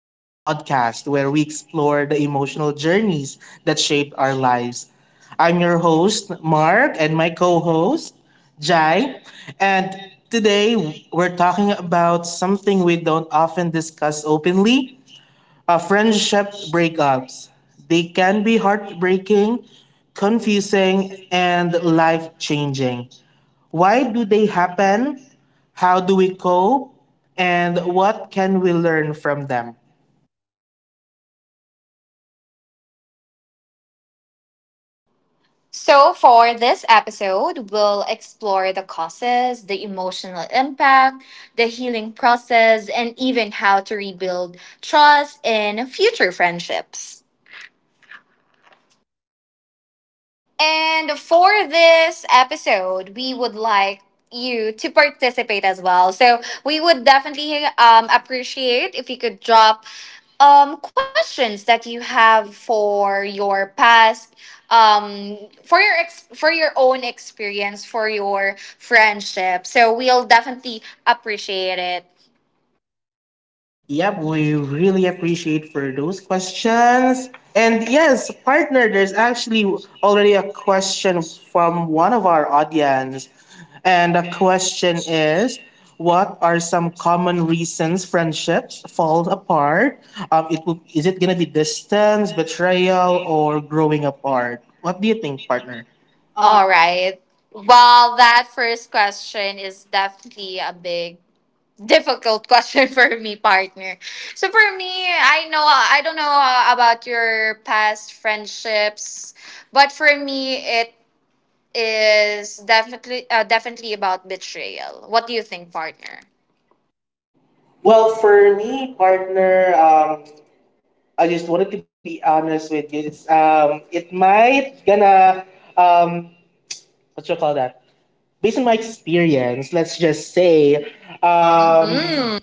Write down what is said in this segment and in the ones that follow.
the podcast where we explore the emotional journeys that shape our lives. I'm your host, Mark, and my co host, Jai. And today we're talking about something we don't often discuss openly, friendship breakups. They can be heartbreaking, confusing, and life changing. Why do they happen? How do we cope? And what can we learn from them? So, for this episode, we'll explore the causes, the emotional impact, the healing process, and even how to rebuild trust in future friendships. And for this episode, we would like you to participate as well. So we would definitely appreciate if you could drop questions that you have for your past, um, for your own experience, for your friendship. So we'll definitely appreciate it. Yep, we really appreciate for those questions. And yes, partner, there's actually already a question from one of our audience. And the question is, what are some common reasons friendships fall apart? Is it going to be distance, betrayal, or growing apart? What do you think, partner? All right. Well, that first question is definitely a big difficult question for me, partner. So for me, I don't know about your past friendships, but for me, it is definitely definitely about betrayal. What do you think, partner? Well, for me, partner, I just wanted to be honest with you. It's it might gonna um, what you call that? Based on my experience, let's just say, um, Mm,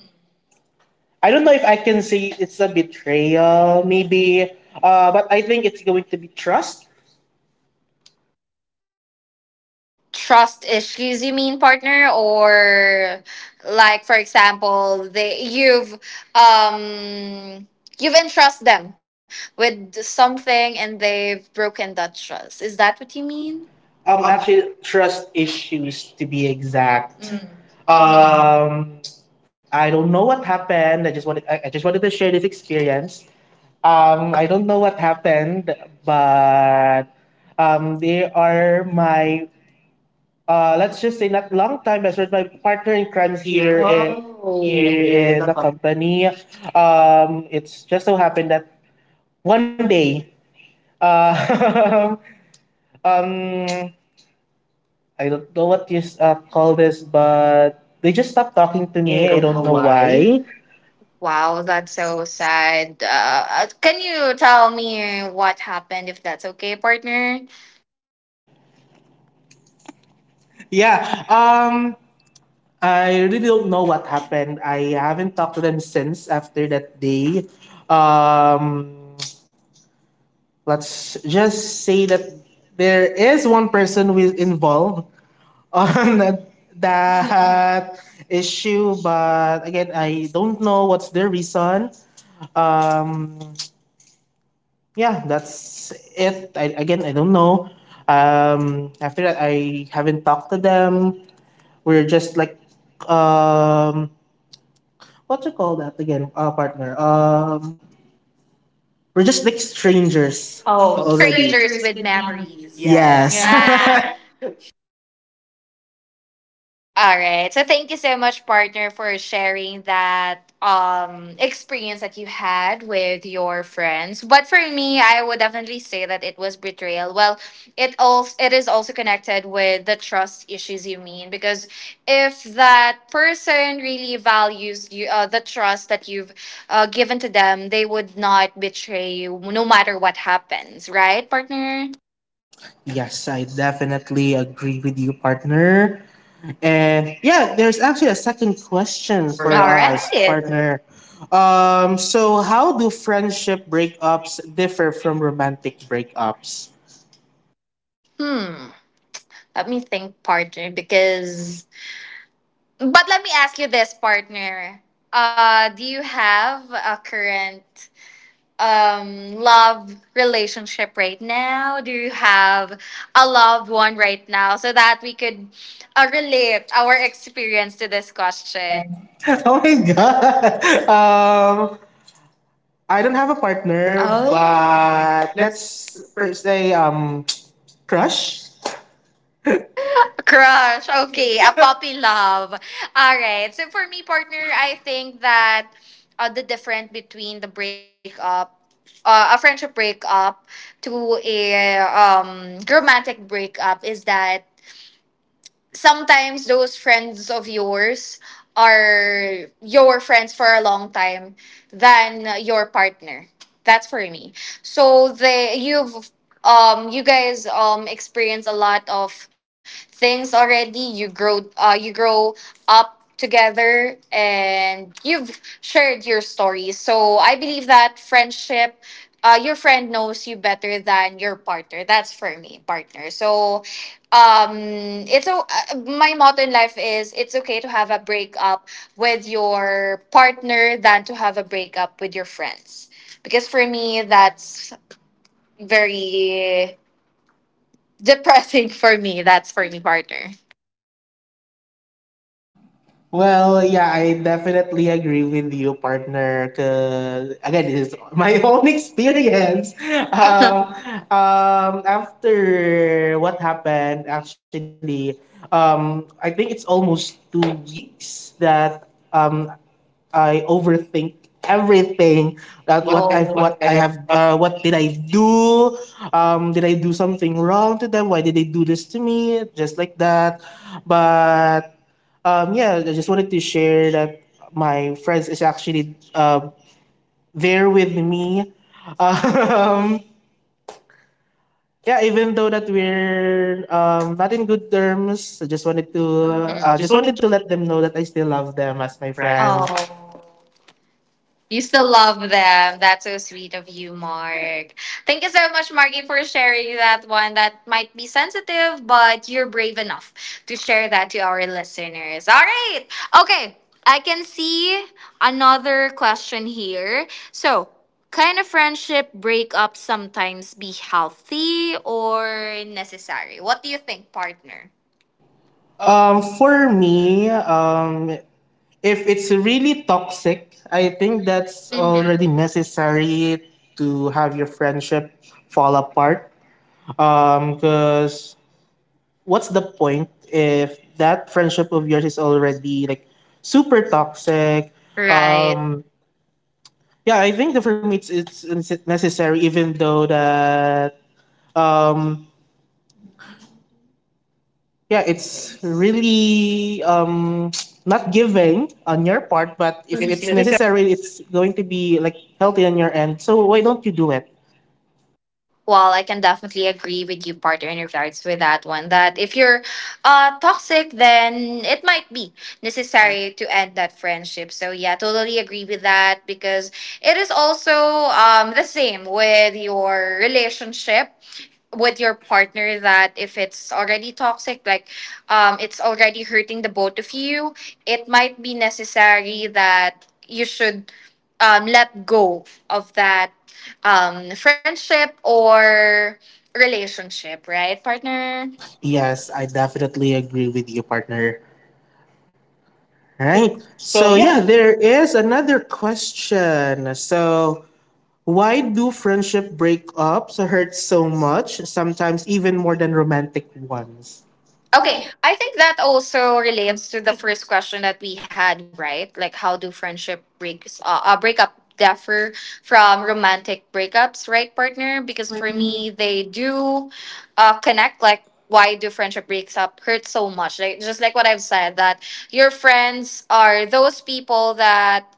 I don't know if I can say it's a betrayal, maybe, but I think it's going to be trust. Trust issues you mean, partner? Or like for example, they, um you've entrust them with something and they've broken that trust. Is that what you mean? Um, Actually, trust issues to be exact. uh, Um, I don't know what happened. I just wanted to share this experience. I don't know what happened, but they are my, let's just say, not long time best friend, my partner in crimes here. here in Oh. Yeah, the the company. It's just so happened that one day, uh, um, I don't know what you call this, but they just stopped talking to company. I me. I don't don't know know why. why. Wow, that's so sad. Can you tell me what happened, if that's okay, partner? Yeah. Um, I really don't know what happened. I haven't talked to them since after that day. Um, let's just say that there is one person who is involved on that issue, but again, I don't know what's their reason. Um, yeah, that's it. Again, I don't know. After that, I haven't talked to them. We're just like, um what you call that again, partner? We're just like strangers. Oh. Oh, Already, strangers strangers with would never. memories. Yes. Yes. Yeah. Yeah. All right. So thank you so much, partner, for sharing that experience that you had with your friends. But for me, I would definitely say that it was betrayal. Well, it is also connected with the trust issues you mean, because if that person really values you, the trust that you've given to them, they would not betray you no matter what happens, right, partner? Yes, I definitely agree with you, partner. And yeah, there's actually a second question All for, right. Partner. So how do friendship breakups differ from romantic breakups? Hmm. Let me think, partner, because But let me ask you this, partner. Do you have a current, love relationship right now? Do you have a loved one right now so that we could relate our experience to this question? Oh my god. Um, I don't have a partner, Oh. But Let's let's per se, crush. Crush. Okay. A puppy love. All right. So for me, partner, I think that the difference between a friendship breakup to a, romantic breakup is that sometimes those friends of yours are your friends for a long time than your partner. That's for me. So they you've you guys experience a lot of things already. You grow up together and you've shared your stories. So I believe that, friendship your friend knows you better than your partner. That's for me, partner. So um it's o- my motto in life is, it's okay to have a breakup with your partner than to have a breakup with your friends, because for me that's very depressing. For me, that's for me, partner. Well, yeah, I definitely agree with you, partner. Cause again, this is my own experience. Uh, Um, After what happened, actually, I think it's almost 2 weeks that, um, I overthink everything. that that what, what I oh, what what I I have, have uh, what did I do? Did I do something wrong to them? Why did they do this to me? Just like that, but, yeah, I just wanted to share that my friends is actually, there with me. Um, yeah, even though that we're, not in good terms, I just wanted to, Mm. Just wanted to, let them know that I still love them as my my friends. friends. Oh, you still love them. That's so sweet of you, Mark. Thank you so much, Marky, for sharing that one. That might be sensitive, but you're brave enough to share that to our listeners. All right. Okay. I can see another question here. So, can a friendship breakup sometimes be healthy or necessary? What do you think, partner? For me, if it's really toxic, I think that's Mhm. already necessary to have your friendship fall apart. Because what's the point if that friendship of yours is already like super toxic. Right. Right. um yeah, I think that for me, it's necessary, even though that, um yeah, it's really, not giving on your part, but if it's necessary, it's going to be like healthy on your end, so why don't you do it? Well, I can definitely agree with you, partner, in regards with that one. That if you're toxic, then it might be necessary to end that friendship. So yeah, totally agree with that, because it is also the same with your relationship with your partner, that if it's already toxic, like it's already hurting the both of you, it might be necessary that you should let go of that, friendship or relationship, right, partner? Yes. Yes, I definitely agree with you, partner. Right. Right. So So yeah, yeah, there is another question. So, why do friendship breakups hurt so much, sometimes even more than romantic ones? okay, Okay, I think that also relates to the first question that we had, right? Like, how do friendship breaks breakup differ from romantic breakups, right, partner? Because because for for me, me, they do connect. Like, why do friendship breaks up hurt so much? Like, just like what I've said, that your friends are those people that,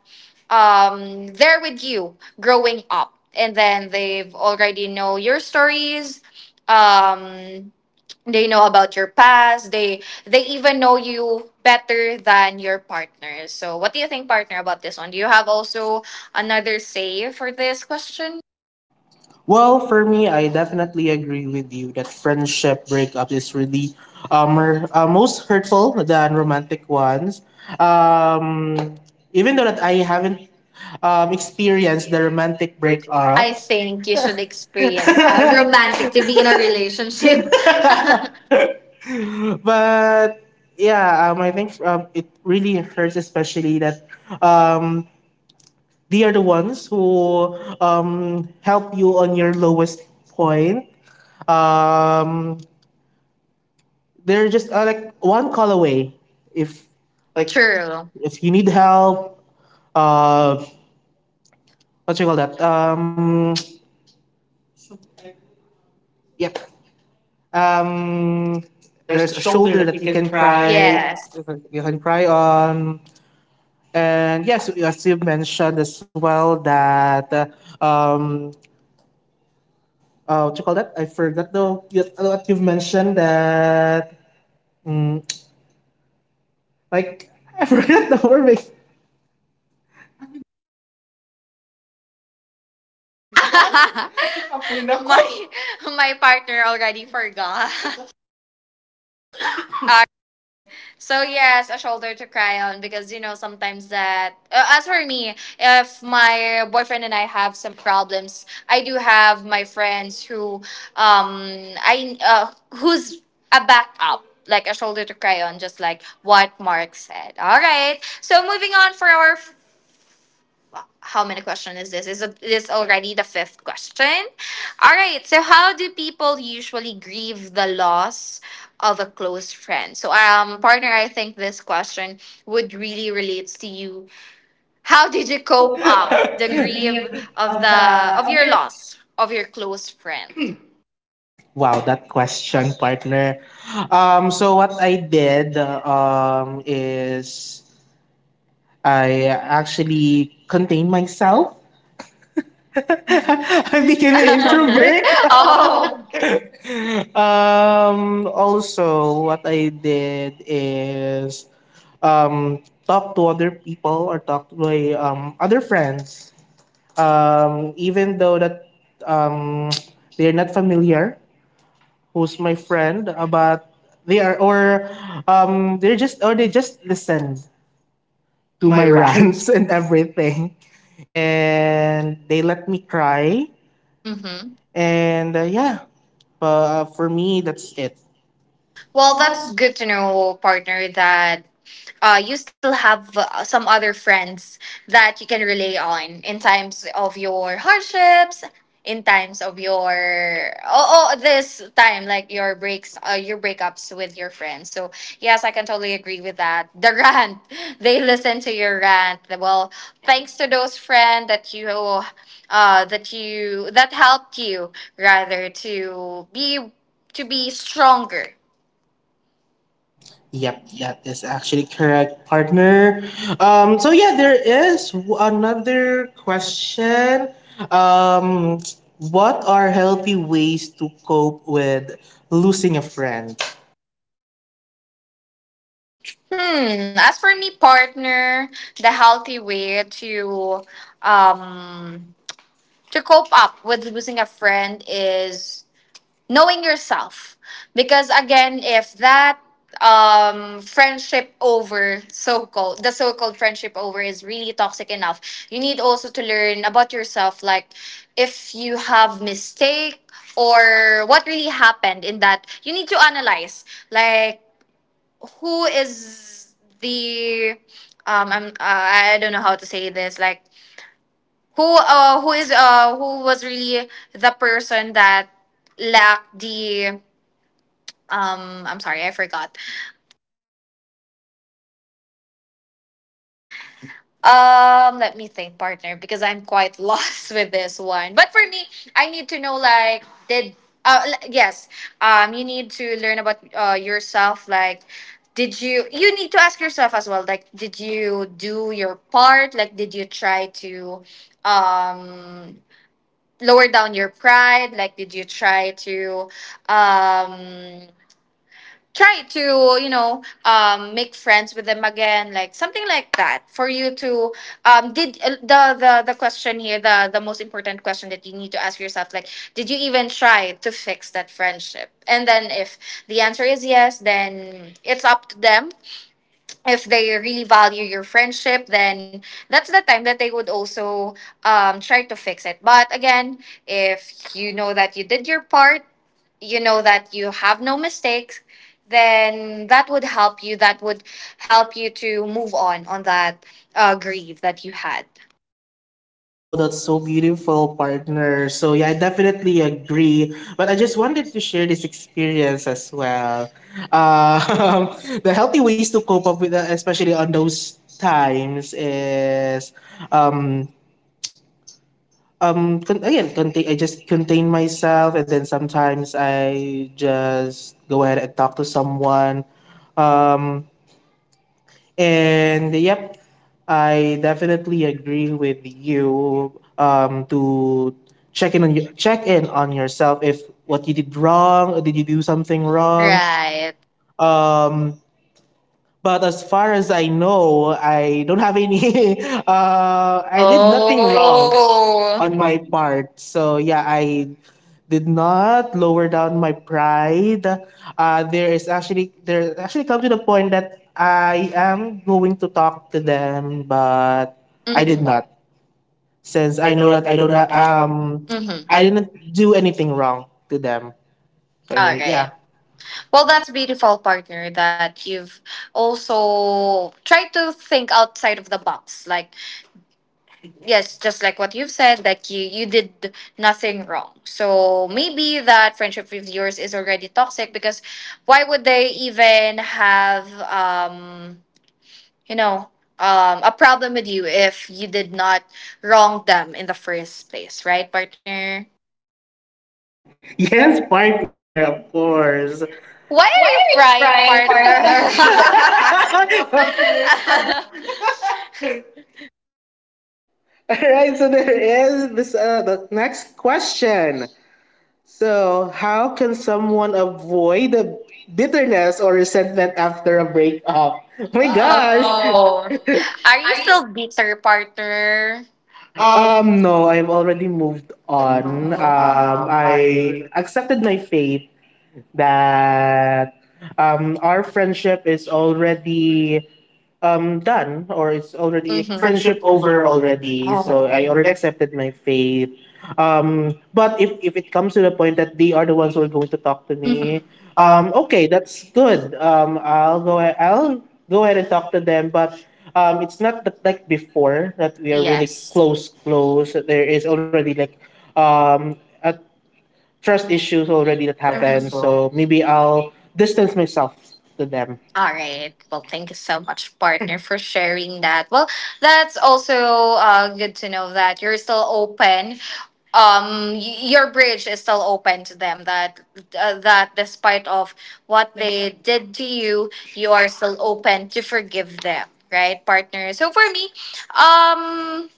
they're with you growing up, and then they've already know your stories, um they know about your past, they even know you better than your partner. So what do you think, partner, about this one? Do you have also another say for this question? well, for me, I definitely agree with you that friendship breakup is really, most hurtful than romantic ones. Um, Even though that I haven't, experienced the romantic Big break breakup, up. I I think you should usually experience experience how romantic to be in a relationship. relationship. But yeah, I think, it really hurts, especially that, um, they are the ones who, help you on your lowest point. Um, they're just, like one call away. If, like, true, True. if you need help, uh, what you call that? Yep. Um, There's a there's a shoulder shoulder that that you you can can cry. cry. Yes. Yes. You can cry on. And yes, as you mentioned as well that, um what you call that? I forgot though. What you've mentioned that, mm, like, I forgot the word. my my partner already forgot. So yes, a shoulder to cry on, because you know sometimes that, as for me, if my boyfriend and I have some problems, I do have my friends who, I who's a backup, like a shoulder to cry on, just like what Mark said. All right. So moving on for our, how many question is this? Is this already the fifth question? All right. So how do people usually grieve the loss of a close friend? So partner, I think this question would really relates to you. How did you cope up the grief Degree of, of of the the, of of your your. loss of your close friend? Wow, that question, partner. So what I did, is I actually contained myself. I became an introvert. Oh. Also, what I did is, um talk to other people or talk to my, other friends, even though that, um they're not familiar who's my friend, but they are or they just listened to My my ranks. rants and everything, and they let me cry, Mm-hmm. and, yeah. But, for me, that's it. Well, that's good to know, partner, that you still have some other friends that you can rely on in times of your hardships, in times of your oh, oh this time, like your breakups with your friends. So yes, I can totally agree with that. The rant, they listen to your rant. Well, thanks to those friends that you that you that helped you, rather to be stronger. Yep, that is actually correct, partner. So yeah, there is, another question. Um, what are healthy ways to cope with losing a friend? Hmm. As for me, partner, the healthy way to, um to cope up with losing a friend is knowing yourself. Because again, if that, friendship over, so called the so called friendship over, is really toxic enough, you need also to learn about yourself. Like, if you have mistake, or what really happened in that, you need to analyze. Like, who is the I'm, I don't know how to say this. Like, who was really the person that lacked the, I'm sorry, I forgot. Let me think, partner, because I'm quite lost with this one. But for me, I need to know, like uh l- yes, you need to learn about yourself. Like, did you you need to ask yourself as well, like, did you do your part? Like, did you try to, um lower down your pride? Like, did you try to, um try to, you know, make friends with them again, like something like that for you to, did the most important question that you need to ask yourself, like, did you even try to fix that friendship? And then, if the answer is yes, then it's up to them. If they really value your friendship, then that's the time that they would also, try to fix it. But again, if you know that you did your part, you know that you have no mistakes, then that would help you, that would help you to move on that, grief that you had. Well, that's so beautiful, partner. So yeah, I definitely agree. But I just wanted to share this experience as well. Um, the healthy ways to cope up with that, especially on those times, is, um contain, I just contain myself, and then sometimes I just go ahead and talk to someone. Um, and yep, I definitely agree with you. To check in on yourself, if what you did wrong, or did you do something wrong? Right. Um, but as far as I know, I don't have any. I did nothing wrong Oh. And on my, my part. So yeah, I did not lower down my pride. There actually come to the point that I am going to talk to them, but I I did, did, Mhm, mhm, that. not, since 'Cause I I know know that that I I do don't, not, mhm, Mhm. I I. didn't do anything wrong to them. So Okay. yeah. Well, that's beautiful, partner, that you've also tried to think outside of the box. Like, yes, just like what you've said, like, you did nothing wrong. So maybe that friendship with yours is already toxic, because why would they even have, you know, a problem with you if you did not wrong them in the first place, right, partner? Yes, partner, of course. Why Why are are you you crying, crying, partner? partner? All right, so there is, this the next question. So, how can someone avoid the bitterness or resentment after a breakup? Yeah. My gosh. Oh, Oh. are you? Are you still bitter, partner? Um, No, I've already moved on. Oh. on. I I accepted my fate that, our friendship is already, done, or it's already. already Hmm. Friendship friendship over over already. already, Oh. So so I. I Oh. Relaxed already accepted my fate. But if it comes to the point that they are the ones who are going to talk to with me. Hmm. me. Mm-hmm. Um, Okay, that's good. I'll go ahead and talk to them, but, it's not that like before that we we have. are really, Yes. yes, close there is already like, um a trust issues already that Happened. Hmm. happens. So. So maybe I'll distance myself to them. All right. Well, thank you so much, partner, for sharing that. Well, that's also good to know that you're still open, your bridge is still open to them, that that despite of what they did to you, you are still open to forgive them, right, partner? So for me, um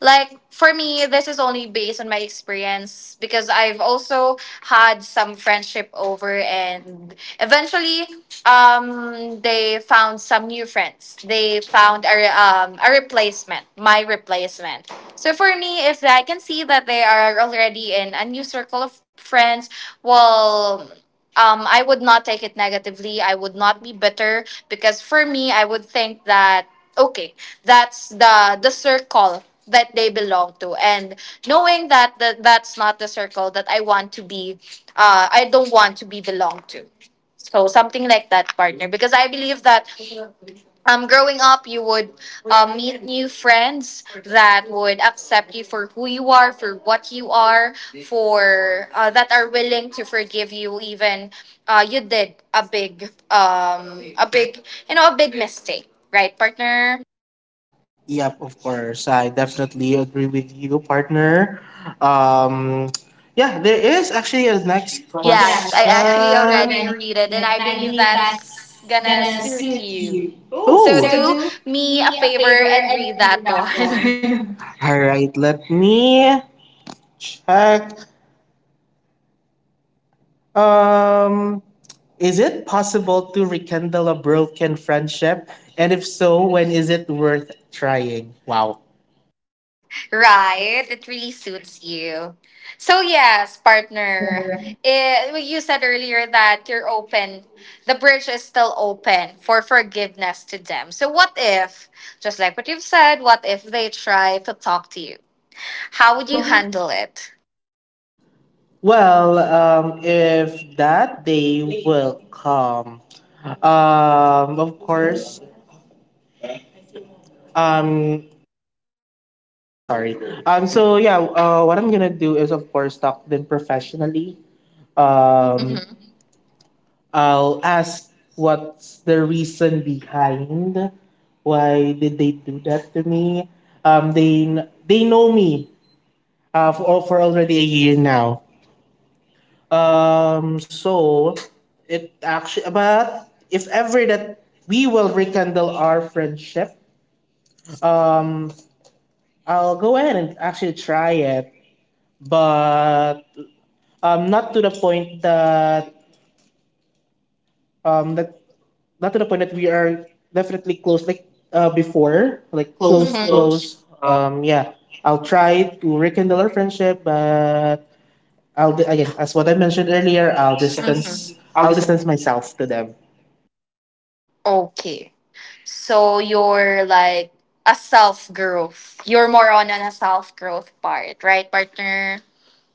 like for me, this is only based on my experience, because I've also had some friendship over, and eventually they found some new friends. They found a a replacement, my replacement. So for me, if I can see that they are already in a new circle of friends, well, I would not take it negatively. I would not be bitter because for me, I would think that okay, that's the circle that they belong to and knowing that, that's not the circle that I want to be I don't want to be belong to, so something like that, partner, because I believe that growing up, you would meet new friends that would accept you for who you are, for what you are, for that are willing to forgive you even you did a big a big a big mistake, right, partner? Yep, of course. I definitely agree with you, partner. Um, yeah, there is actually a next, yes, Yes, I question. I actually actually already ready, read it, and I and I believe believe that that's gonna to suit suit you. you. Ooh. Oh, So do me a favor and read certainly that that one. one. All right. Let me check. Um, is it possible to rekindle a broken friendship? And if so, when is it worth trying? Wow. Right, it really suits you. So yes, Partner. partner, it, well, you said earlier that you're open. The bridge is still open for forgiveness to them. So what if, just like what you've said, what if they try to talk to you? How would you handle it? Well, if that day will come, of course, um, sorry. So yeah, what I'm gonna do is, of course, talk then professionally. Um, Mm-hmm. I'll ask what's the reason behind why did they do that to me. Um, they they know me, for already a year now. Um, so but if ever that we will rekindle our friendship, um, I'll go ahead and actually try it, but, not to the point that, that not to the point that we are definitely close, like, before, like Close, close, mhm, mhm, close. close. Yeah, I'll try to rekindle our friendship, but I'll, again, as what I mentioned earlier, All I'll the stuff. Mhm. distance, All I'll the stuff. distance myself to them. Okay. So you're like a self growth. You're more on a self growth part, right, partner?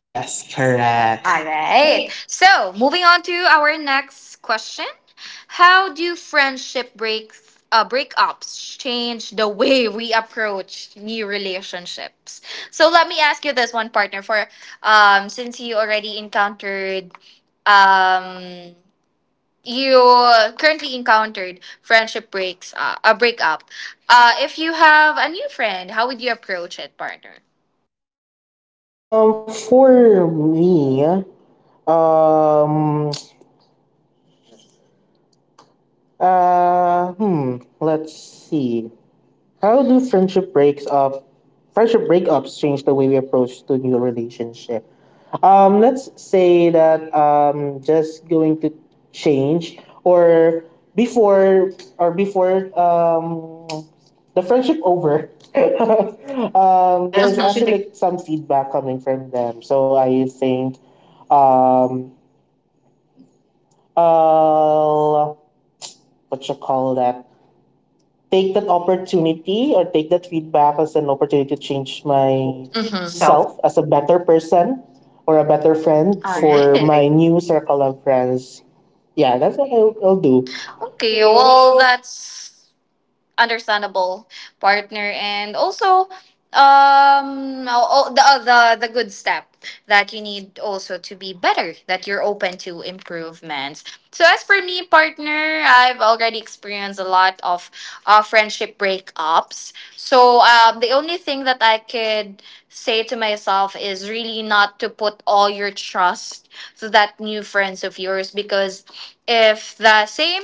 Yes, Yeah. correct. All right. Hey. So moving on to our next question. How do friendship breaks breakups change the way we approach new relationships? So let me ask you this one, partner. For since you already encountered um you currently encountered friendship breaks a breakup, if you have a new friend, how would you approach it, partner? For me, um, let's see. How do friendship breaks up friendship breakups change the way we approach to new relationship? Let's say that, just going to change or before or before the friendship over. There's There's mhm actually actually like some feedback coming from them. So I think, um, uh, what you call that? Take that opportunity, or take that feedback as an opportunity to change mhm self. myself as a better person, or a better friend All for right. my new circle of friends. Yeah, that's what I'll do. Okay, well, Well, that's understandable, partner, and also all, the, the good step that you need also to be better, that you're open to improvements. So as for me, partner, I've already experienced a lot of friendship breakups, so the only thing that I could say to myself is really not to put all your trust to that new friends of yours, because if the same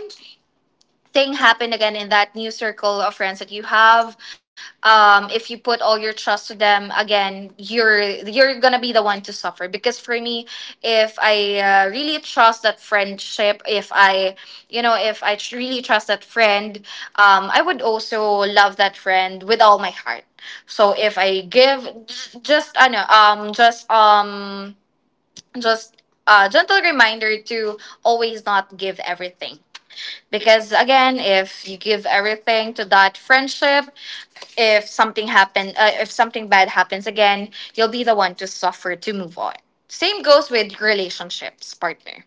thing happen again in that new circle of friends that you have, if you put all your trust to them again, you're gonna be the one to suffer, because for me, if I really trust that friendship, if I if I really trust that friend, I would also love that friend with all my heart. So if I give, just I know just a gentle reminder to always not give everything, because again, if you give everything to that friendship, if something happen, if something bad happens again, you'll be the one to suffer to move on. Same goes with relationships, partner.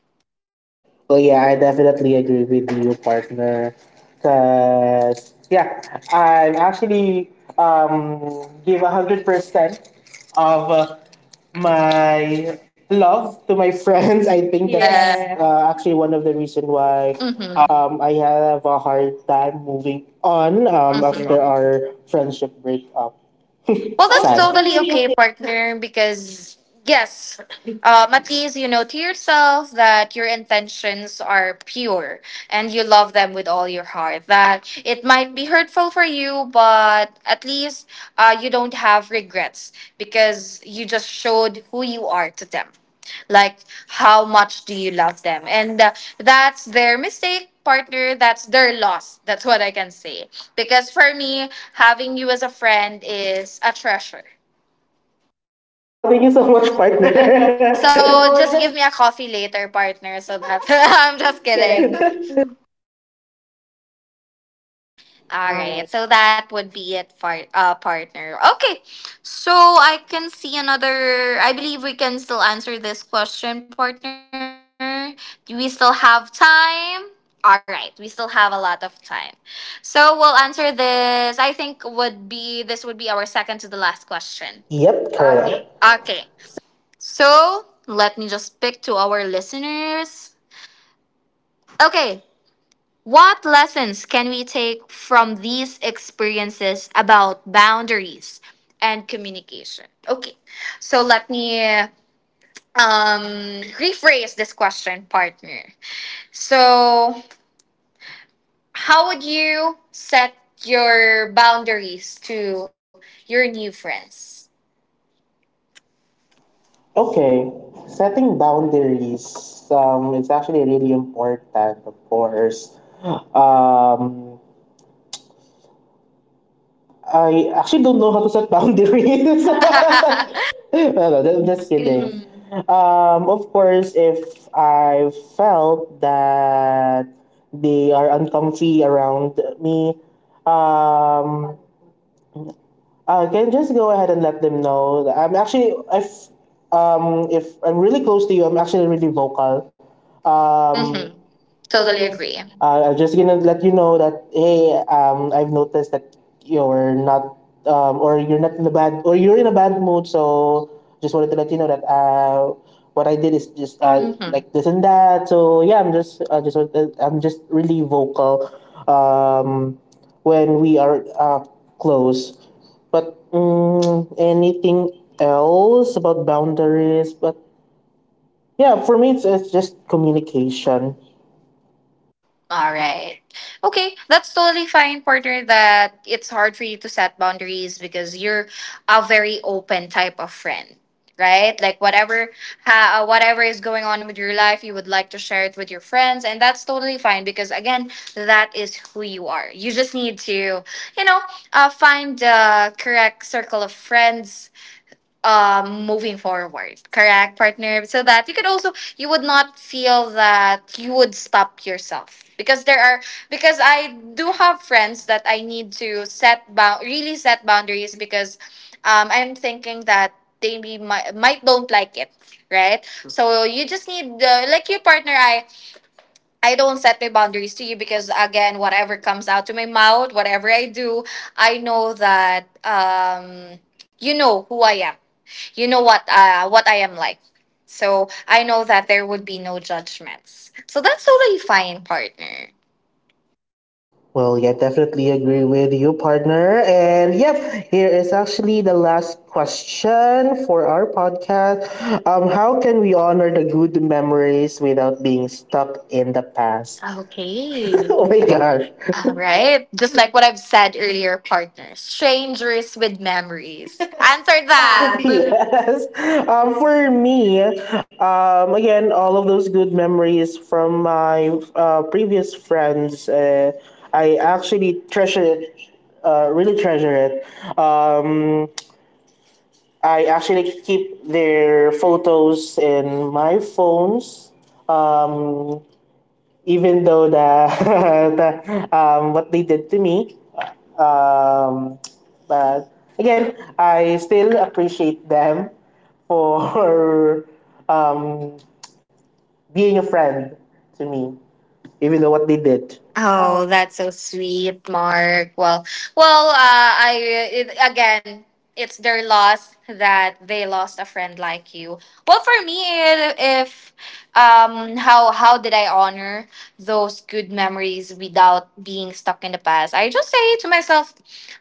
yeah, I definitely agree with you, partner. Cause yeah, I'm actually, give 100% of, my love to my friends. I think, yeah, Yeah. that's, yeah, actually one of the reason why, Mm-hmm. I have a hard time moving on, That's Mhm. after our friendship breakup. Well, What that's was, sad, the— totally okay, partner, because yes, at least you know to yourself that your intentions are pure and you love them with all your heart. That it might be hurtful for you, but at least you don't have regrets because you just showed who you are to them, like how much do you love them, and that's their mistake, partner, that's their loss, that's what I can say, because for me, having you as a friend is a treasure. Oh, thank you so much, partner. So So just just give me a coffee later, partner, so that I'm just kidding. kidding. All right, so that would be it for partner. Okay, so I can see another. I believe we can still answer this question, partner. Do we still have time? All right, we still have a lot of time. So we'll answer this. I think would be, this would be our second to the last question. Yep, correct. Yep. Okay. Okay, so let me just pick to our listeners. Okay, what lessons can we take from these experiences about boundaries and communication? Okay, so let me um, rephrase this question, partner. So, how would you set your boundaries to your new friends? Okay, setting boundaries, it's actually really important, of course. Um, I actually don't know how to set boundaries. No, no, I'm Just just kidding. Mhm. kidding. Mm. Of course, if I felt that they are uncomfy around me, um, I can just go ahead and let them know. That I'm actually if I'm really close to you, I'm actually really vocal. Um, Mhm. Totally agree. I'm just gonna let you know that hey, I've noticed that you're not, or you're not in a bad, or you're in a bad mood. So just wanted to let you know that what I did is Is just that- mhm. like this and that. So yeah, I'm just, I just, want to- I'm just really vocal, um, when we are close. But anything else about boundaries? But yeah, for me, it's just communication. All right. Okay, that's totally fine, Porter, that it's hard for you to set boundaries because you're a very open type of friend, right? Like whatever whatever is going on with your life, you would like to share it with your friends, and that's totally fine because again, that is who you are. You just need to, you know, find the correct circle of friends, moving forward, correct, partner, so that you could also, you would not feel that you would stop yourself because there are, because I do have friends that I need to set bound, really set boundaries, because I'm thinking that they might don't like it, right? So you just need, like your partner, I don't set my boundaries to you because again, whatever comes out to my mouth, whatever I do, I know that you know who I am. You know what I am like. So I know that there would be no judgments. So that's totally fine, partner. Well, yeah, definitely agree with you, partner. And yep, here is actually the last question for our podcast. How can we honor the good memories without being stuck in the past? Okay. oh my gosh. All Right, right. Just like what I've said earlier, partners, strangers with memories. Answer answer that. that. yes. For me, again, all of those good memories from my previous friends, I actually treasure it, really treasure it. I actually keep their photos in my phones. Um, Even though the what they did to me, um, but again, I still appreciate them for um, being a friend to me, even though what they did. Oh, Oh, that's so sweet, Mark. Well, well, again, it's their loss that they lost a friend like you. Well, for me, if how did I honor those good memories without being stuck in the past? I just say to myself,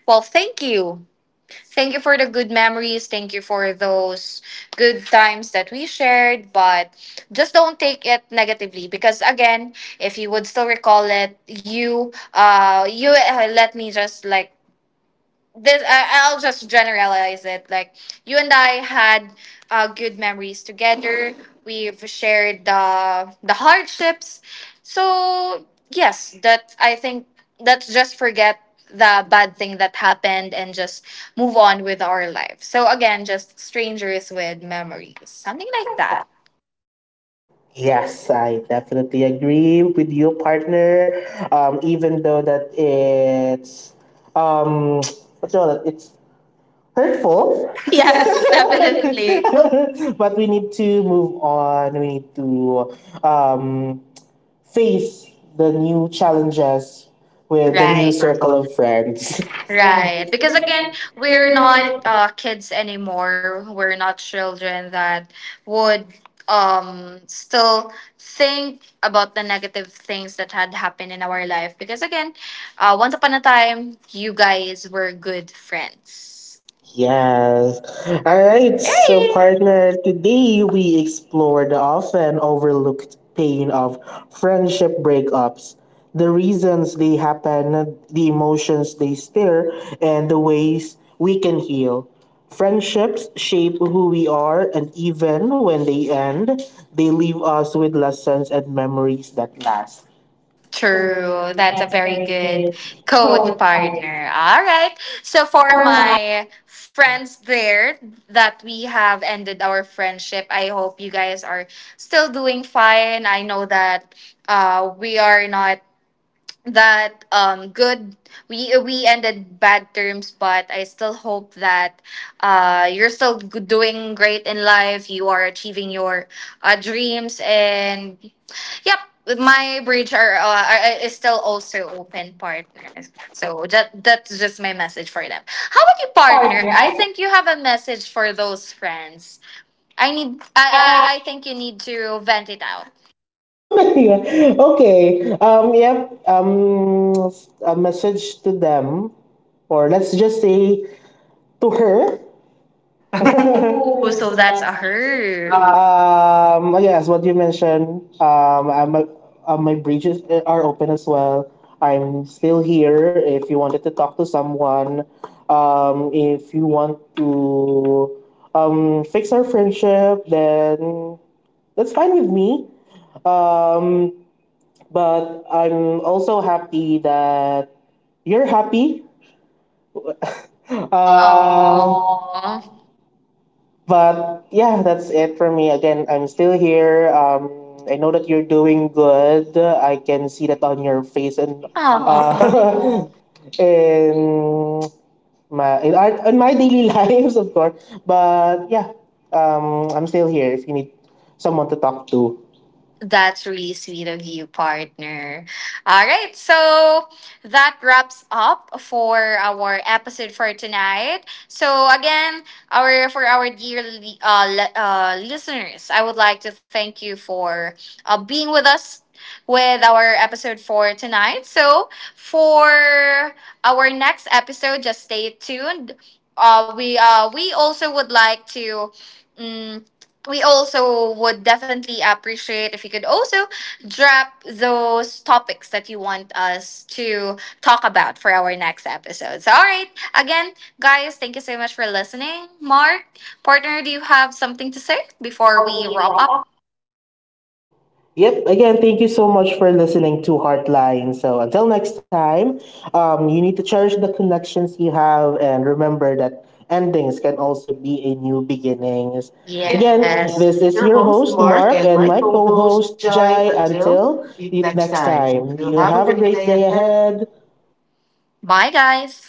well, thank you, thank you for the good memories. Thank you for those good times that we shared. But just don't take it negatively because again, if you would still recall it, you let me just like this, I'll just generalize it, like you and I had good memories together, we've shared the hardships, so yes, that I think, let's just forget the bad thing that happened and just move on with our life. So again, just strangers with memories, something like that. yes, I definitely agree with you, partner. Even though that it's um, what's all that? It's hurtful. Yes, Yes, definitely. definitely. but we need to move on. We need to um, face the new challenges With the with the right new circle circle. of friends. Right. Because again, we're not kids anymore. We're not children that would still think about the negative things that had happened in our life. Because again, once upon a time, you guys were good friends. Yeah. Yes. All All right. right. So, Hey. partner, today we explore the often overlooked pain of friendship breakups, the reasons they happen, the emotions they stir, and the ways we can heal. Friendships shape who we are, and even when they end, they leave us with lessons and memories that last. True. True. That's a That's a very very good good quote, quote, partner. partner. All right. So, So for for mine, my friends there that we have ended our friendship, I hope you guys are still doing fine. I know that we are not that good, we ended bad terms, but I still hope that you're still doing great in life, you are achieving your dreams, and yep, my bridge are is still also open, partner, so that that's just my message for them. How about you, partner? I think you have a message for those friends. I I need, need I I think you need to vent it out. yeah. Okay. Yep. A message to them, or let's just say to her. Ooh, Oh, so so that's a that's a hurt. her. Yes, what you mentioned. My bridges are open as well. I'm still here. If you wanted to talk to someone, if you want to fix our friendship, then that's fine with me. Um, but I'm also happy that you're happy. 啊，啊哦 Aww. But yeah, that's it for me. Again, I'm still here. I know that you're doing good. I can see that on your face and 哦。aww. in in my daily lives, of course. But yeah, I'm still here if you need someone to talk to. That's really sweet of you, partner. All right, so that wraps up for our episode for tonight. So again, our, for our dear listeners, I would like to thank you for being with us with our episode for tonight. So for our next episode, just stay tuned. We also would like to. mm we also would definitely appreciate if you could also drop those topics that you want us to talk about for our next episode. So, all right, again, guys, thank you so much for listening. Mark, partner, do you have something to say before Before we we wrap up? wrap yep. Again, thank you so much for listening to Heartline. So until next time, you need to cherish the connections you have and remember that endings can also be a new beginnings. Again, Yes. this is Your your host, host, Mark, Mark, and and my my co co host, host, Jai. Jai. Until Until next next time, time, you you have a have a great great day day ahead. ahead. Bye, guys.